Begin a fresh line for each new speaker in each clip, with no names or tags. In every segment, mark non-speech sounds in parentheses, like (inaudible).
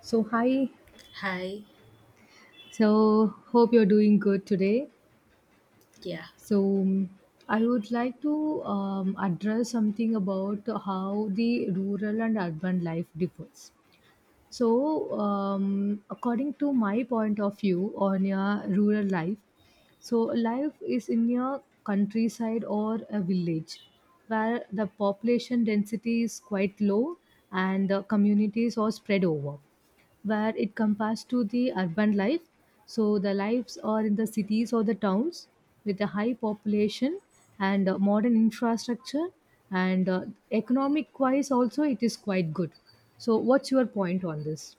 So, hi.
Hi.
So, hope you're doing good today.
Yeah.
So, I would like to address something about how the rural and urban life differs. So, according to my point of view on your rural life, so life is in a countryside or a village where the population density is quite low and the communities are spread over, where it compares to the urban life. So the lives are in the cities or the towns with a high population and modern infrastructure and economic wise also it is quite good. So what's your point on this?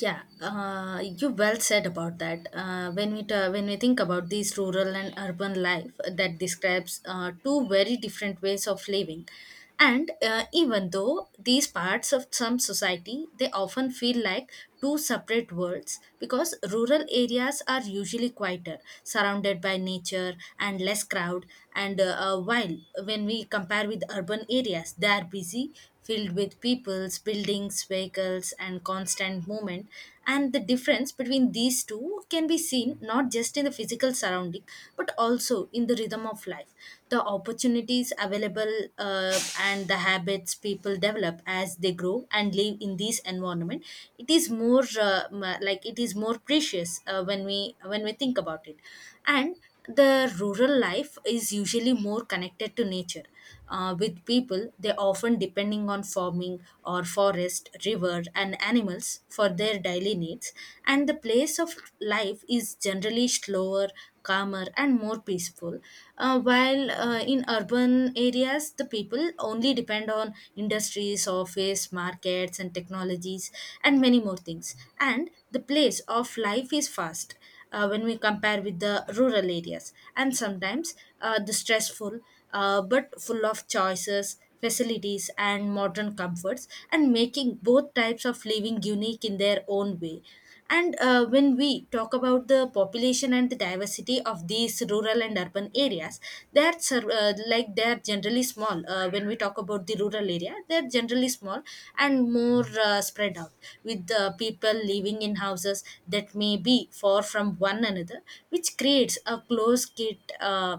Yeah. You well said about that. When we when we think about these rural and urban life that describes two very different ways of living, and even though these parts of some society they often feel like two separate worlds because rural areas are usually quieter, surrounded by nature and less crowd, and while when we compare with urban areas, they are busy filled with peoples, buildings, vehicles, and constant movement. And the difference between these two can be seen not just in the physical surrounding but also in the rhythm of life. The opportunities available and the habits people develop as they grow and live in this environment, it is more like it is more precious when we think about it. And the rural life is usually more connected to nature. With people, they often depending on farming or forest, river, and animals for their daily needs. And the place of life is generally slower, calmer, and more peaceful. While In urban areas, the people only depend on industries, office, markets, and technologies, and many more things. And the place of life is fast when we compare with the rural areas. And sometimes the stressful, but full of choices, facilities, and modern comforts, and making both types of living unique in their own way. And when we talk about the population and the diversity of these rural and urban areas like they are generally small when we talk about the rural area they are generally small and more spread out with the people living in houses that may be far from one another which creates a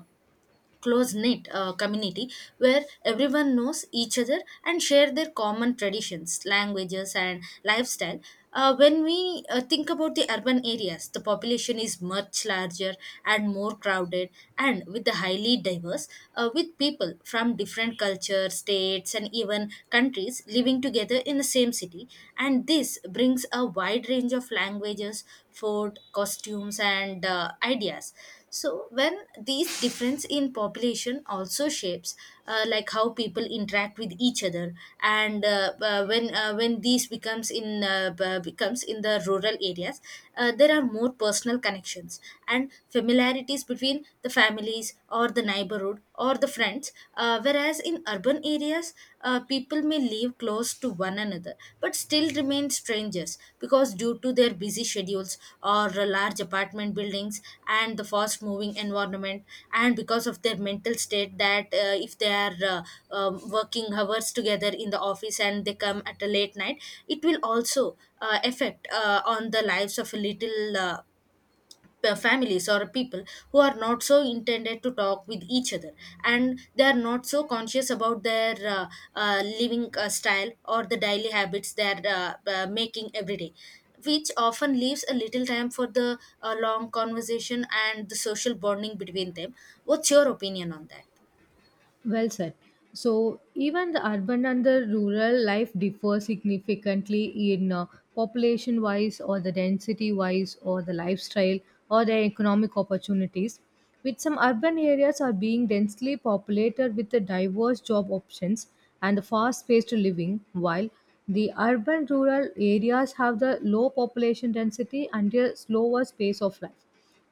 close knit community where everyone knows each other and share their common traditions, languages, and lifestyle. When we think about the urban areas, the population is much larger and more crowded, and with the highly diverse, with people from different cultures, states, and even countries living together in the same city. And this brings a wide range of languages, food, costumes, and ideas. So when these difference in population also shapes like how people interact with each other, and when these becomes in the rural areas, there are more personal connections and familiarities between the families or the neighborhood or the friends, Whereas in urban areas, people may live close to one another but still remain strangers because due to their busy schedules or large apartment buildings and the fast moving environment, and because of their mental state that if they are working hours together in the office and they come at a late night, it will also effect on the lives of a little families or people who are not so intended to talk with each other and they are not so conscious about their living style or the daily habits they are making every day which often leaves a little time for the long conversation and the social bonding between them. What's your opinion on that?
Well said. So, even the urban and the rural life differ significantly in population wise, or the density wise, or the lifestyle, or the economic opportunities. With some urban areas are being densely populated with the diverse job options and the fast paced living, while the urban rural areas have the low population density and a slower pace of life,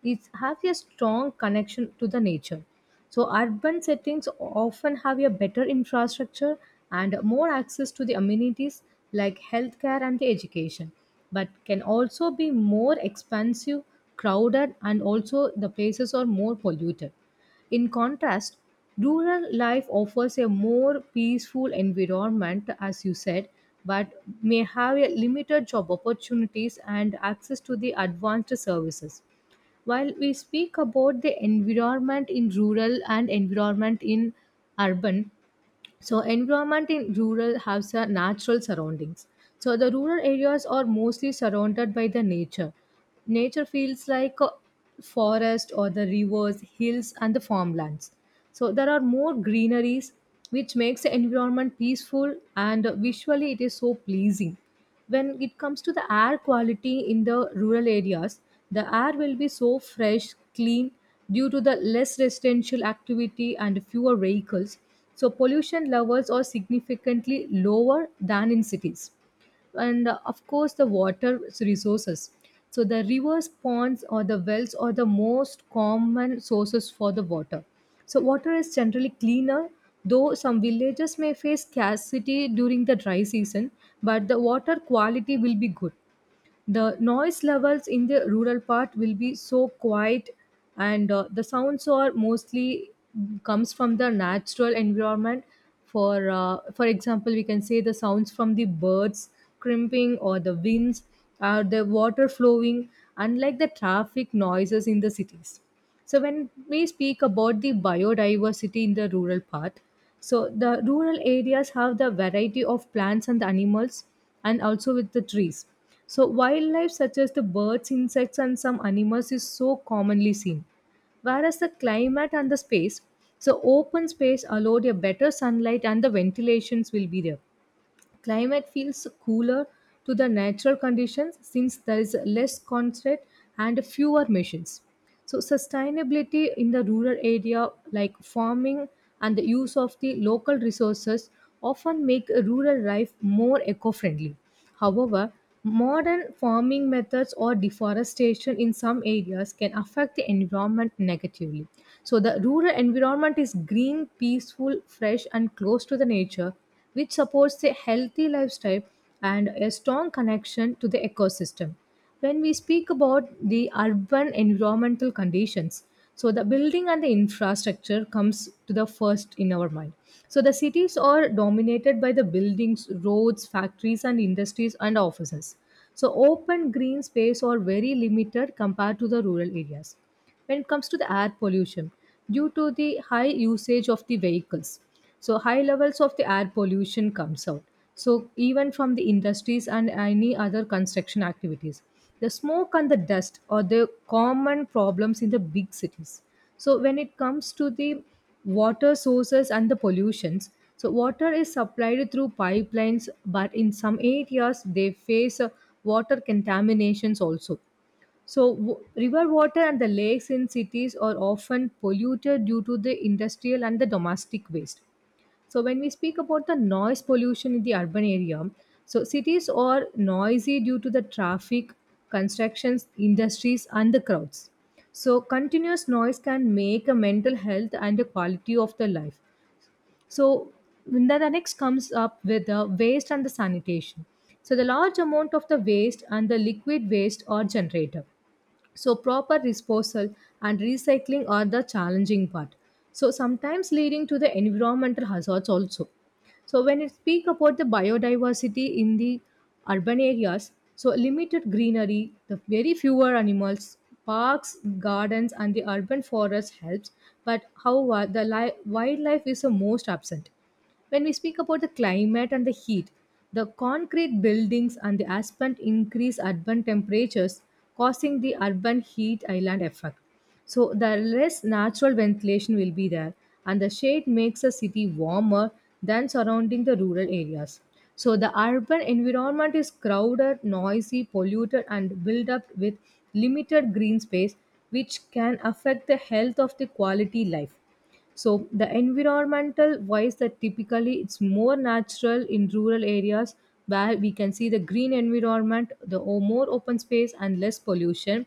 it has a strong connection to the nature. So urban settings often have a better infrastructure and more access to the amenities like healthcare and education, but can also be more expensive, crowded, and also the places are more polluted. In contrast, rural life offers a more peaceful environment, as you said, but may have a limited job opportunities and access to the advanced services while we speak about the environment in rural and environment in urban, so environment in rural has a natural surroundings, so the rural areas are mostly surrounded by the nature. Nature feels like a forest or the rivers, hills, and the farmlands, so there are more greeneries, which makes the environment peaceful and visually it is so pleasing. When it comes to the air quality in the rural areas, the air will be so fresh, clean, due to the less residential activity and fewer vehicles, so pollution levels are significantly lower than in cities. And of course the water resources, so the rivers, ponds, or the wells are the most common sources for the water, so water is generally cleaner, though some villages may face scarcity during the dry season, but the water quality will be good. The noise levels in the rural part will be so quiet, and the sounds are mostly comes from the natural environment. For example, we can say the sounds from the birds crimping, or the winds, or the water flowing, unlike the traffic noises in the cities. So when we speak about the biodiversity in the rural part, so the rural areas have the variety of plants and animals, and also with the trees. So wildlife such as the birds, insects, and some animals is so commonly seen. Whereas the climate and the space, so open space allowed a better sunlight and the ventilations will be there. Climate feels cooler to the natural conditions since there is less concrete and fewer machines. So, sustainability in the rural area, like farming and the use of the local resources, often make rural life more eco friendly. However, modern farming methods or deforestation in some areas can affect the environment negatively. So, the rural environment is green, peaceful, fresh, and close to the nature, which supports a healthy lifestyle and a strong connection to the ecosystem. When we speak about the urban environmental conditions, so the building and the infrastructure comes to the first in our mind. So the cities are dominated by the buildings, roads, factories, and industries, and offices, so open green space are very limited compared to the rural areas. When it comes to the air pollution, due to the high usage of the vehicles, so high levels of the air pollution comes out, so even from the industries and any other construction activities, the smoke and the dust are the common problems in the big cities. So when it comes to the water sources and the pollutions, so water is supplied through pipelines, but in some areas they face water contaminations also. So, river water and the lakes in cities are often polluted due to the industrial and the domestic waste. So, when we speak about the noise pollution in the urban area, so cities are noisy due to the traffic, constructions, industries, and the crowds. So, continuous noise can make a mental health and the quality of the life. So, then the next comes up with the waste and the sanitation. So, the large amount of the waste and the liquid waste are generated. So, proper disposal and recycling are the challenging part. So, sometimes leading to the environmental hazards also. So, when we speak about the biodiversity in the urban areas, so limited greenery, the very fewer animals, parks, gardens, and the urban forest helps. But however, the wildlife is the most absent. When we speak about the climate and the heat, the concrete buildings and the asphalt increase urban temperatures, causing the urban heat island effect. So, the less natural ventilation will be there, and the shade makes a city warmer than surrounding the rural areas. So, the urban environment is crowded, noisy, polluted, and built up with limited green space, which can affect the health of the quality life. So the environmental wise that typically it's more natural in rural areas, where we can see the green environment, the more open space and less pollution.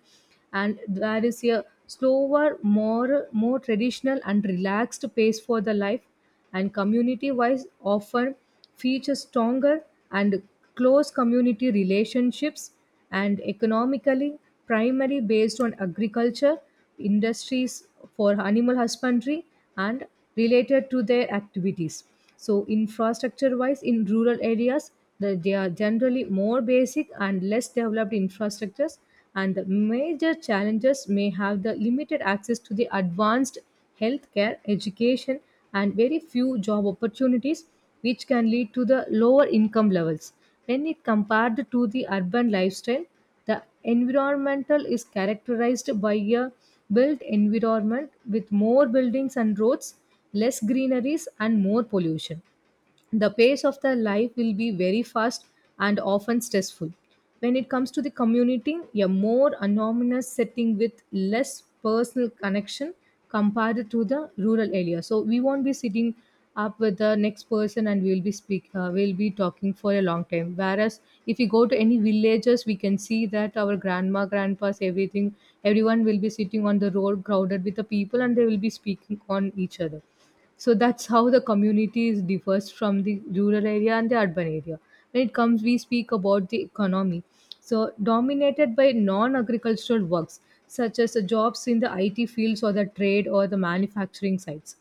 And there is a slower, more traditional and relaxed pace for the life, and community wise often feature stronger and close community relationships, and economically primarily based on agriculture, industries, for animal husbandry and related to their activities. So infrastructure wise in rural areas, they are generally more basic and less developed infrastructures, and the major challenges may have the limited access to the advanced healthcare, education, and very few job opportunities, which can lead to the lower income levels. When it compared to the urban lifestyle, the environmental is characterized by a built environment with more buildings and roads, less greeneries, and more pollution. The pace of their life will be very fast and often stressful. When it comes to the community, a more anonymous setting with less personal connection compared to the rural area. So we won't be sitting up with the next person and we'll be speak we'll be talking for a long time, whereas if you go to any villages we can see that our grandma, grandpas, everything, everyone will be sitting on the road crowded with the people and they will be speaking on each other. So that's how the communities differs from the rural area and the urban area. When it comes we speak about the economy, so dominated by non-agricultural works, such as the jobs in the it fields, or the trade, or the manufacturing sites,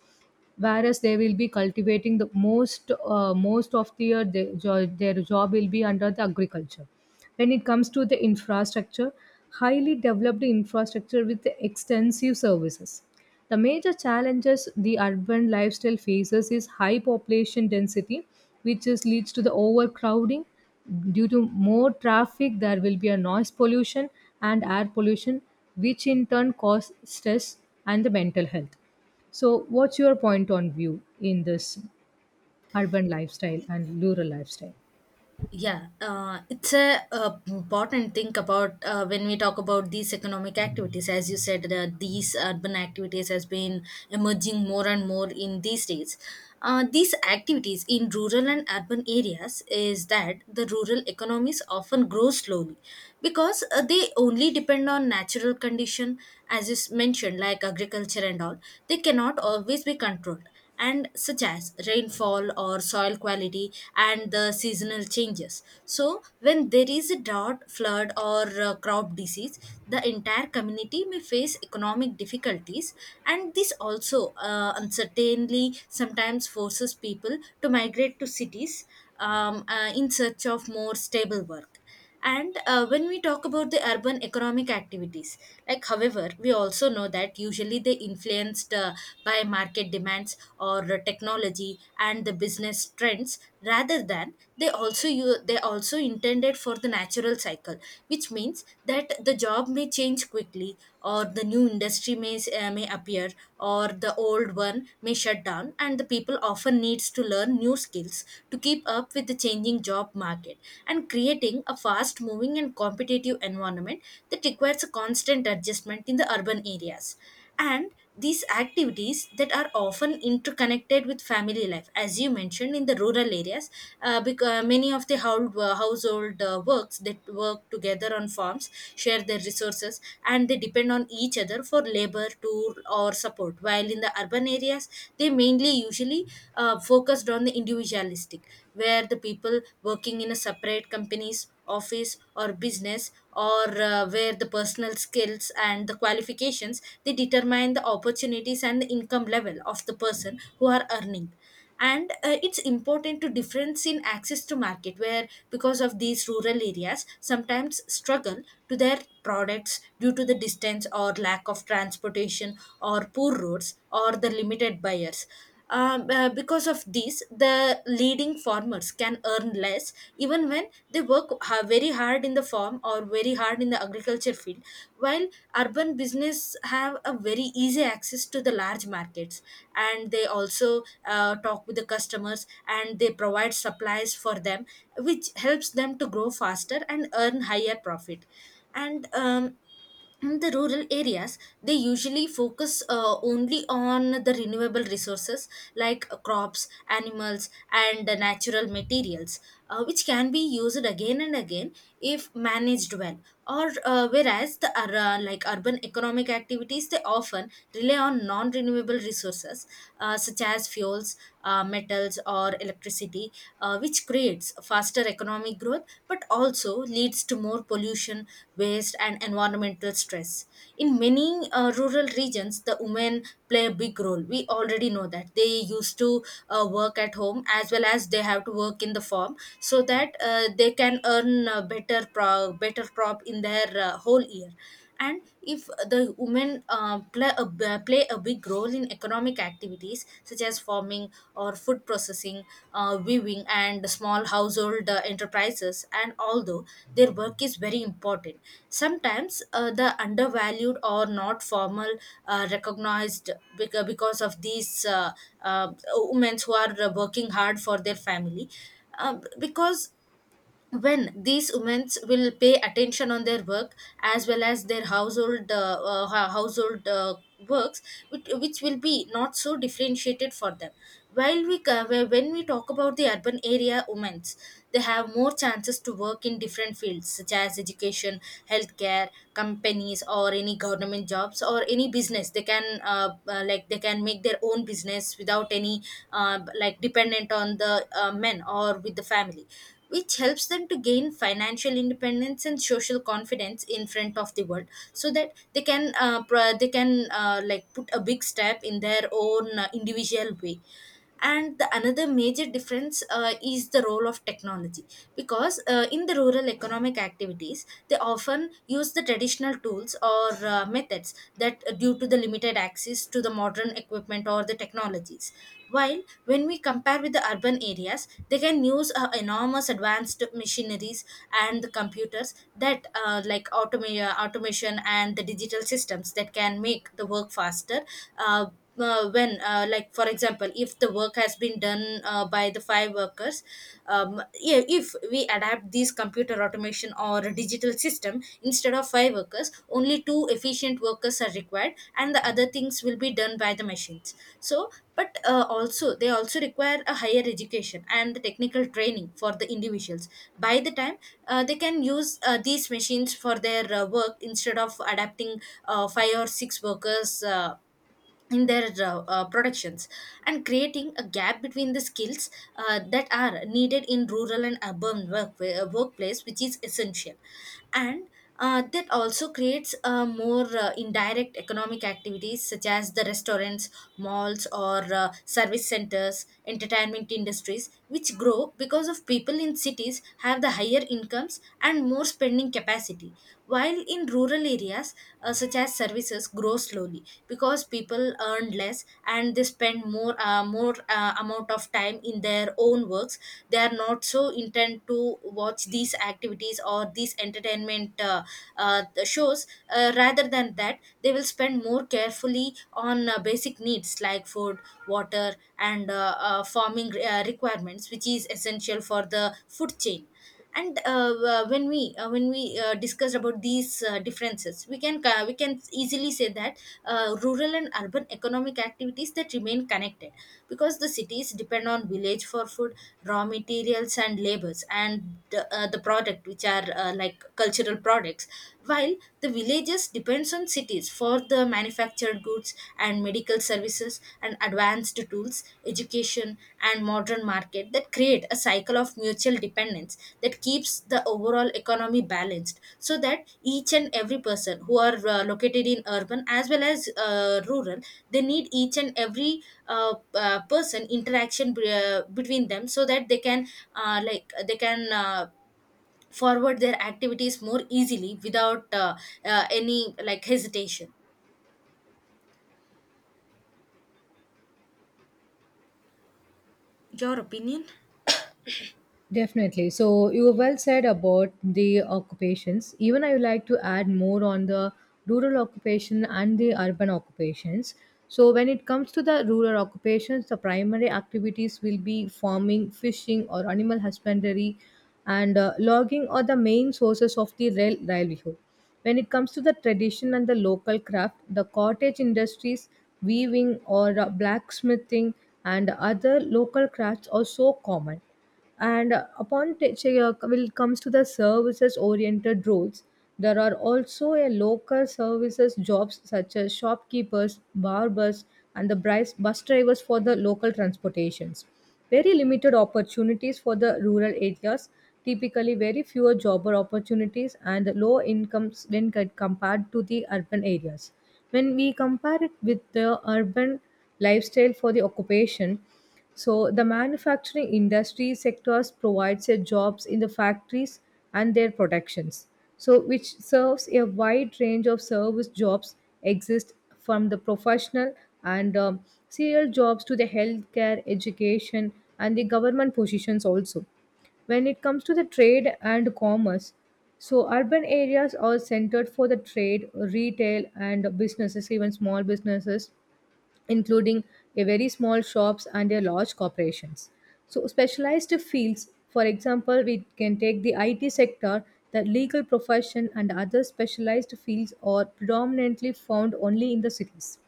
whereas they will be cultivating the most, most of their their job will be under the agriculture. When it comes to the infrastructure, highly developed infrastructure with extensive services. The major challenges the urban lifestyle faces is high population density, which is leads to the overcrowding. Due to more traffic, there will be a noise pollution and air pollution, which in turn cause stress and the mental health. So, what's your point on view in this urban lifestyle and rural lifestyle?
Yeah, it's a, important thing about when we talk about these economic activities. As you said, these urban activities has been emerging more and more in these days. These activities in rural and urban areas is that the rural economies often grow slowly because they only depend on natural condition as is mentioned like agriculture and all they cannot always be controlled and such as rainfall or soil quality and the seasonal changes. So when there is a drought flood or crop disease the entire community may face economic difficulties and this also uncertainly sometimes forces people to migrate to cities, in search of more stable work. And when we talk about the urban economic activities, like however, we also know that usually they influenced by market demands or technology and the business trends, rather than they also you they also intended for the natural cycle, which means that the job may change quickly or the new industry may appear or the old one may shut down, and the people often needs to learn new skills to keep up with the changing job market and creating a fast moving and competitive environment that requires a constant adjustment in the urban areas. And these activities that are often interconnected with family life as you mentioned in the rural areas because many of the household works that work together on farms share their resources and they depend on each other for labor tool or support while in the urban areas they mainly usually focused on the individualistic where the people working in a separate companies office or business or where the personal skills and the qualifications they determine the opportunities and the income level of the person who are earning. And it's important to difference in access to market where because of these rural areas sometimes struggle to their products due to the distance or lack of transportation or poor roads or the limited buyers, because of this the leading farmers can earn less even women they very hard in the farm or very hard in the agriculture field, while urban business have a very easy access to the large markets and they also talk with the customers and they provide supplies for them which helps them to grow faster and earn higher profit. And in the rural areas they usually focus only on the renewable resources like crops animals and natural materials which can be used again and again if managed well, or like urban economic activities they often rely on non renewable resources such as fuels, metals or electricity, which creates faster economic growth but also leads to more pollution, waste, and environmental stress. In many rural regions, the women play a big role. We already know that they used to work at home as well as they have to work in the farm so that they can earn a better crop in their whole year. And if the women play a big role in economic activities such as farming or food processing, weaving and small household enterprises, and although their work is very important sometimes the undervalued or not formal recognized, because of these uh, women who are working hard for their family, because when these women will pay attention on their work as well as their household works which will be not so differentiated for them. While when we talk about the urban area women they have more chances to work in different fields such as education, healthcare companies or any government jobs or any business, they can like they can make their own business without any like dependent on the men or with the family, which helps them to gain financial independence and social confidence in front of the world so that they can they can like put a big step in their own individual way. And the another major difference is the role of technology because in the rural economic activities they often use the traditional tools or methods that due to the limited access to the modern equipment or the technologies. While when we compare with the urban areas, they can use enormous advanced machineries and the computers that like automation and the digital systems that can make the work faster. When Like for example if the work has been done by the five workers, yeah, if we adapt this computer automation or a digital system instead of five workers only two efficient workers are required and the other things will be done by the machines. So but also they also require a higher education and the technical training for the individuals by the time they can use these machines for their work instead of adapting five or six workers in their productions, and creating a gap between the skills that are needed in rural and urban work, workplace which is essential. And that also creates more indirect economic activities such as the restaurants malls or service centers entertainment industries which grow because of people in cities have the higher incomes and more spending capacity. While in rural areas, such as services grow slowly because people earn less and they spend more more amount of time in their own works. They are not so intent to watch these activities or these entertainment shows. Rather than that, they will spend more carefully on basic needs like food, water, and farming requirements, which is essential for the food chain. And when we discussed about these differences, we can we can easily say that rural and urban economic activities that remain connected because the cities depend on village for food, raw materials and labors, and the product which are like cultural products, while the villages depends on cities for the manufactured goods and medical services and advanced tools, education and modern market, that create a cycle of mutual dependence that keeps the overall economy balanced, so that each and every person who are located in urban as well as rural, they need each and every person interaction between them, so that they can uh, like they can uh, forward their activities more easily without any like hesitation. Your opinion?
Definitely. So you well said about the occupations. Even I would like to add more on the rural occupation and the urban occupations. So when it comes to the rural occupations, the primary activities will be farming, fishing, or animal husbandry, and logging are the main sources of the rail livelihood. When it comes to the tradition and the local craft, the cottage industries, weaving, or blacksmithing, and other local crafts are so common. And will comes to the services oriented roles, there are also a local services jobs such as shopkeepers, barbers, and the bus drivers for the local transportations. Very limited opportunities for the rural areas, typically very fewer jobber opportunities and low incomes when compared to the urban areas. When we compare it with the urban lifestyle for the occupation, so the manufacturing industry sectors provides a jobs in the factories and their productions. So which serves a wide range of service jobs exist, from the professional and serial jobs to the healthcare, education, and the government positions also. When it comes to the trade and commerce, so urban areas are centered for the trade, retail, and businesses, even small businesses, including a very small shops and a large corporations. So specialized fields, for example, we can take the IT sector, the legal profession, and other specialized fields are predominantly found only in the cities.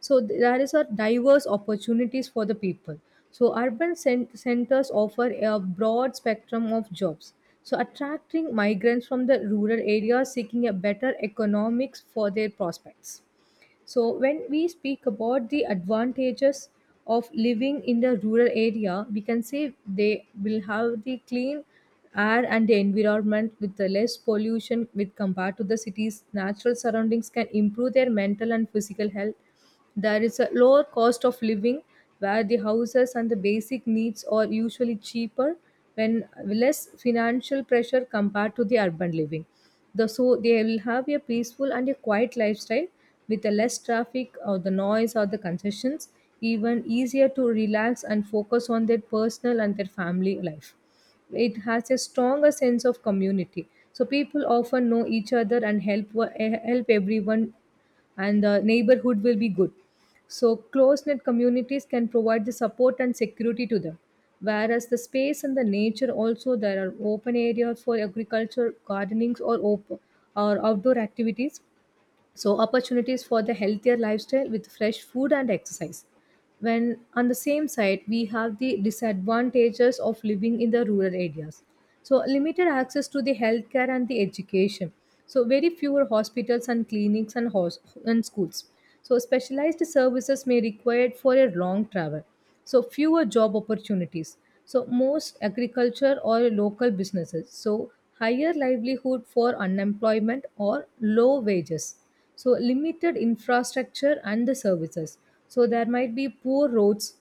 So there is a diverse opportunities for the people. So urban centers offer a broad spectrum of jobs. So attracting migrants from the rural areas seeking a better economics for their prospects. So, when we speak about the advantages of living in the rural area, we can say they will have the clean air and the environment with the less pollution with compared to the cities. Natural surroundings can improve their mental and physical health. There is a lower cost of living where the houses and the basic needs are usually cheaper when less financial pressure compared to the urban living. So they will have a peaceful and a quiet lifestyle with the less traffic or the noise or the concessions, even easier to relax and focus on their personal and their family life. It has a stronger sense of community, so people often know each other and help everyone, and the neighborhood will be good. So, close knit communities can provide the support and security to them. Whereas the space and the nature also, there are open areas for agriculture, gardenings, or outdoor activities, so opportunities for the healthier lifestyle with fresh food and exercise. When on the same side, we have the disadvantages of living in the rural areas, so limited access to the healthcare and the education, so very fewer hospitals and clinics and schools, so specialized services may required for a long travel, so fewer job opportunities, so most agriculture or local businesses, so higher livelihood for unemployment or low wages, so limited infrastructure and the services, so there might be poor roads,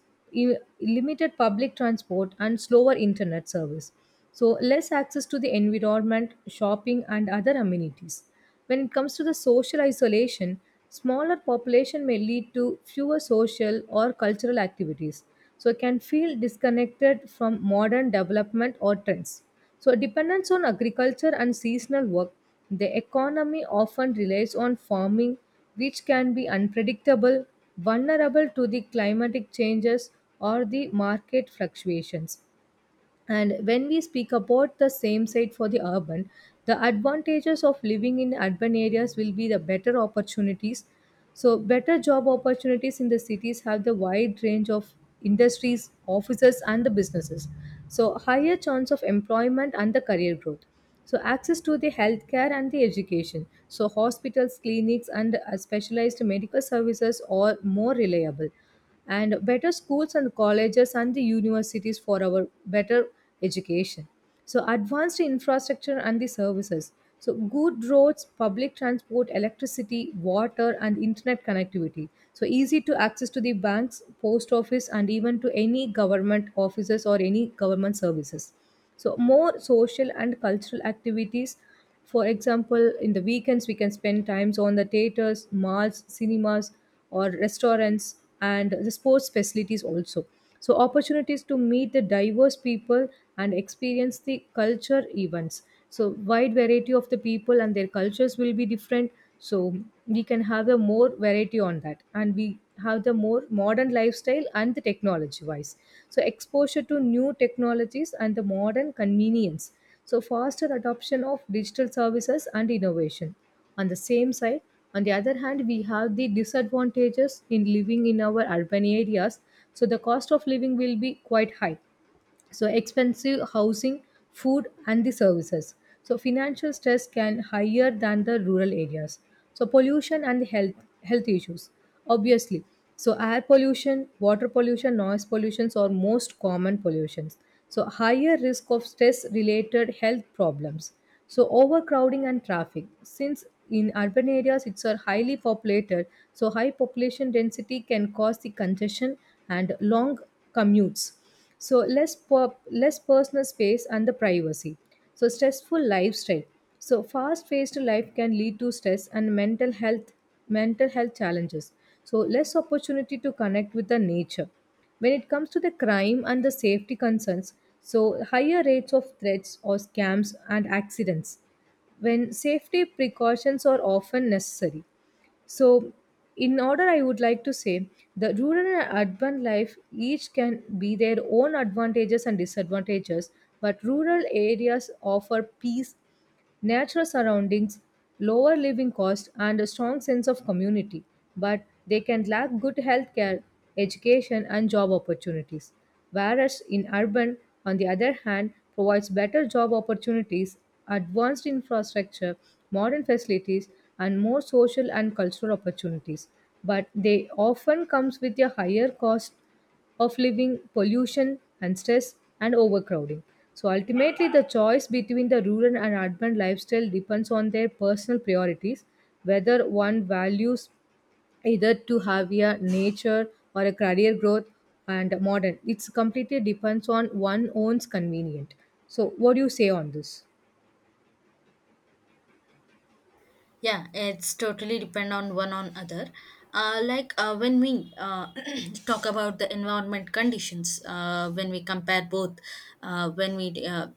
limited public transport and slower internet service, so less access to the environment shopping and other amenities. When it comes to the social isolation, smaller population may lead to fewer social or cultural activities, so can feel disconnected from modern development or trends, so dependence on agriculture and seasonal work. The economy often relies on farming, which can be unpredictable, vulnerable to the climatic changes or the market fluctuations. And when we speak about the same site for the urban, the advantages of living in urban areas will be the better opportunities. So, better job opportunities in the cities have the wide range of industries, offices, and the businesses. So, higher chance of employment and the career growth. So, access to the healthcare and the education. So, hospitals, clinics, and specialized medical services are more reliable, and better schools and colleges and the universities for our better education. So, advanced infrastructure and the services. So, good roads, public transport, electricity, water, and internet connectivity. So, easy to access to the banks, post office, and even to any government offices or any government services. So, more social and cultural activities. For example, in the weekends, we can spend times on the theaters, malls, cinemas, or restaurants, and the sports facilities also. So, opportunities to meet the diverse people and experience the culture events. So, wide variety of the people and their cultures will be different. So, we can have a more variety on that, and we have the more modern lifestyle, and the technology wise, so exposure to new technologies and the modern convenience, so faster adoption of digital services and innovation. On the same side, on the other hand, we have the disadvantages in living in our urban areas, so the cost of living will be quite high, so expensive housing, food and the services, so financial stress can higher than the rural areas. So pollution and the health issues, obviously. So air pollution, water pollution, noise pollutions are most common pollutions, so higher risk of stress related health problems. So overcrowding and traffic, since in urban areas it's are highly populated, so high population density can cause the congestion and long commutes, so less personal space and the privacy, so stressful lifestyle, so fast paced life can lead to stress and mental health challenges, so less opportunity to connect with the nature. When it comes to the crime and the safety concerns, so higher rates of threats or scams and accidents, when safety precautions are often necessary. So, in order, I would like to say the rural and urban life each can be their own advantages and disadvantages, but rural areas offer peace, natural surroundings, lower living costs, and a strong sense of community, but they can lack good healthcare, education, and job opportunities. Whereas in urban, on the other hand, provides better job opportunities, advanced infrastructure, modern facilities, and more social and cultural opportunities. But they often comes with a higher cost of living, pollution and stress, and overcrowding. So ultimately, the choice between the rural and urban lifestyle depends on their personal priorities, whether one values either to have a nature or a career growth and modern. It's completely depends on one own's convenient. So what do you say on this?
Yeah, it's totally depend on one on other. Like when we (clears throat) Talk about the environment conditions when we compare both, when we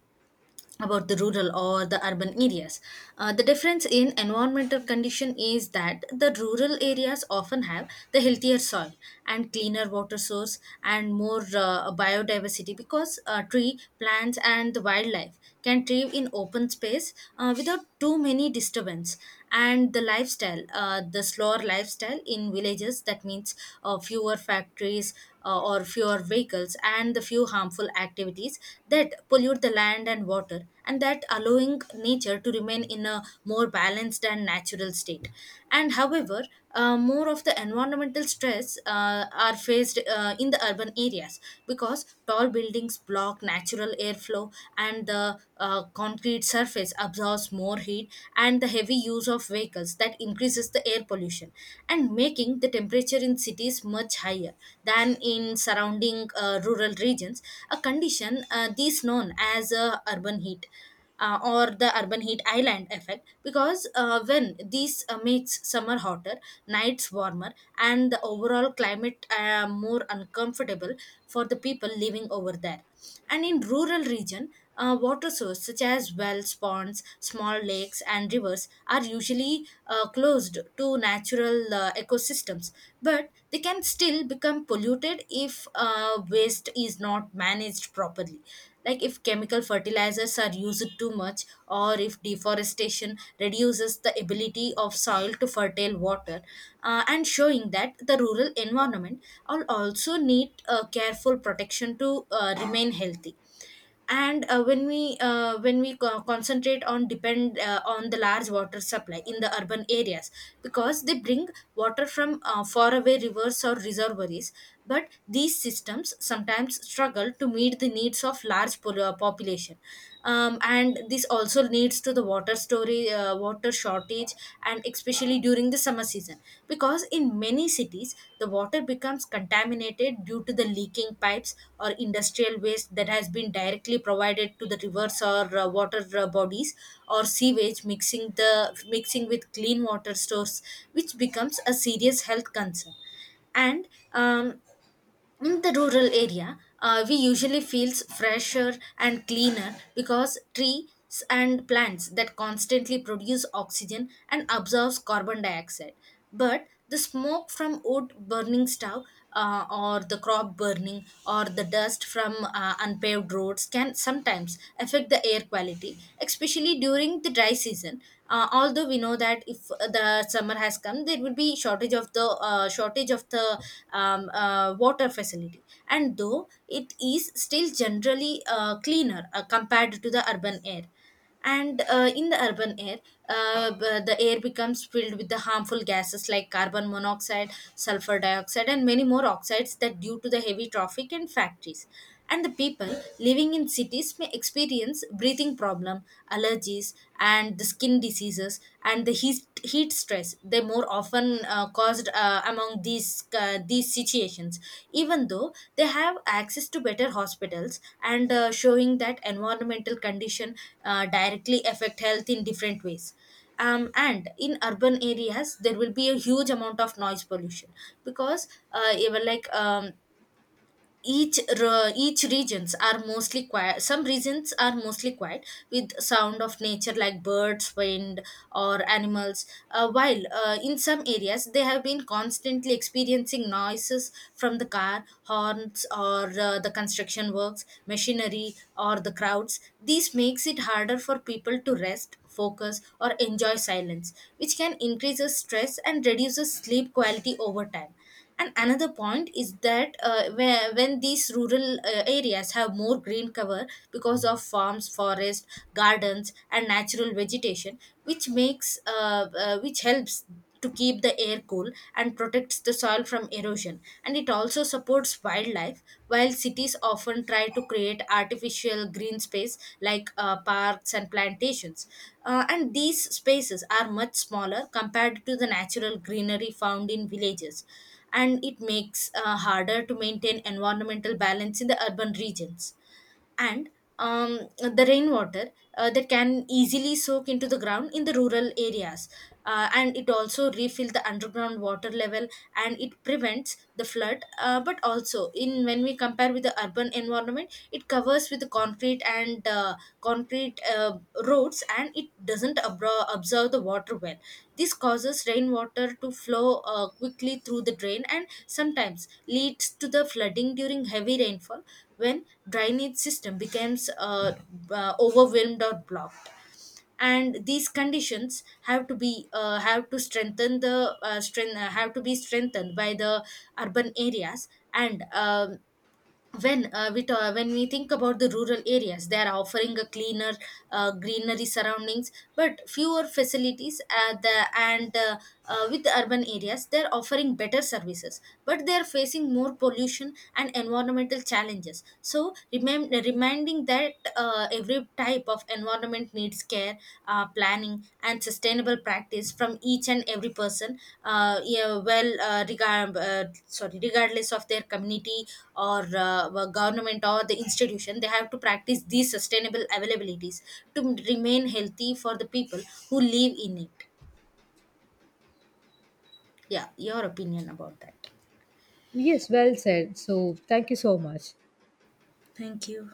about the rural or the urban areas. The difference in environmental condition is that the rural areas often have the healthier soil and cleaner water source and more biodiversity, because tree plants and the wildlife can thrive in open space without too many disturbance, and the lifestyle, the slower lifestyle in villages, that means fewer factories, or fewer vehicles and the few harmful activities that pollute the land and water, and that allowing nature to remain in a more balanced and natural state. And however, more of the environmental stress are faced in the urban areas, because tall buildings block natural airflow window, and the concrete surface absorbs more heat, and the heavy use of vehicles that increases the air pollution and making the temperature in cities much higher than in surrounding rural regions. A condition these known as urban heat or the urban heat island effect, because when this makes summer hotter, nights warmer, and the overall climate more uncomfortable for the people living over there. And in rural region, water sources such as wells, ponds, small lakes and rivers are usually closed to natural ecosystems, but they can still become polluted if waste is not managed properly, like if chemical fertilizers are used too much, or if deforestation reduces the ability of soil to fertile water, and showing that the rural environment will also need careful protection to remain healthy. And uh, when we uh, when we co- concentrate on depend on the large water supply in the urban areas, because they bring water from faraway rivers or reservoirs, but these systems sometimes struggle to meet the needs of large population. And this also leads to the water shortage, and especially during the summer season, because in many cities the water becomes contaminated due to the leaking pipes or industrial waste that has been directly provided to the rivers or water bodies, or sewage mixing with clean water stores, which becomes a serious health concern. And In the rural area, we usually feels fresher and cleaner because trees and plants that constantly produce oxygen and absorbs carbon dioxide. But the smoke from wood burning stove, or the crop burning, or the dust from unpaved roads can sometimes affect the air quality, especially during the dry season. Uh, although we know that if the summer has come, there will be shortage of the water facility, and though it is still generally cleaner compared to the urban air. And in the urban air, the air becomes filled with the harmful gases like carbon monoxide, sulfur dioxide and many more oxides that due to the heavy traffic and factories, and the people living in cities may experience breathing problem, allergies and the skin diseases and the heat stress, they more often caused among these situations, even though they have access to better hospitals, and showing that environmental condition directly affect health in different ways. And in urban areas there will be a huge amount of noise pollution, because even like each re- each regions are mostly quiet some regions are mostly quiet with sound of nature like birds, wind or animals, while in some areas they have been constantly experiencing noises from the car horns or the construction works, machinery or the crowds. This makes it harder for people to rest, focus or enjoy silence, which can increase stress and reduces sleep quality over time. And another point is that when these rural areas have more green cover because of farms, forests, gardens, and natural vegetation, which makes which helps to keep the air cool and protects the soil from erosion. And it also supports wildlife, while cities often try to create artificial green space like parks and plantations. And these spaces are much smaller compared to the natural greenery found in villages, and it makes harder to maintain environmental balance in the urban regions. And The rainwater that can easily soak into the ground in the rural areas, and it also refill the underground water level, and it prevents the flood. But also in, when we compare with the urban environment, it covers with the concrete roads, and it doesn't absorb the water well. This causes rainwater to flow quickly through the drain, and sometimes leads to the flooding during heavy rainfall, when drainage system becomes overwhelmed or blocked, and these conditions have to be have to be strengthened by the urban areas. And When when we think about the rural areas, they are offering a cleaner greenery surroundings but fewer facilities, and with the urban areas they are offering better services but they are facing more pollution and environmental challenges. So reminding that every type of environment needs care, planning, and sustainable practice from each and every person. Yeah, well, regard, sorry, regardless of their community, or government or the institution, they have to practice these sustainable availabilities to remain healthy for the people who live in it. Yeah, your opinion about that.
Yes, well said. So thank you so much.
Thank you.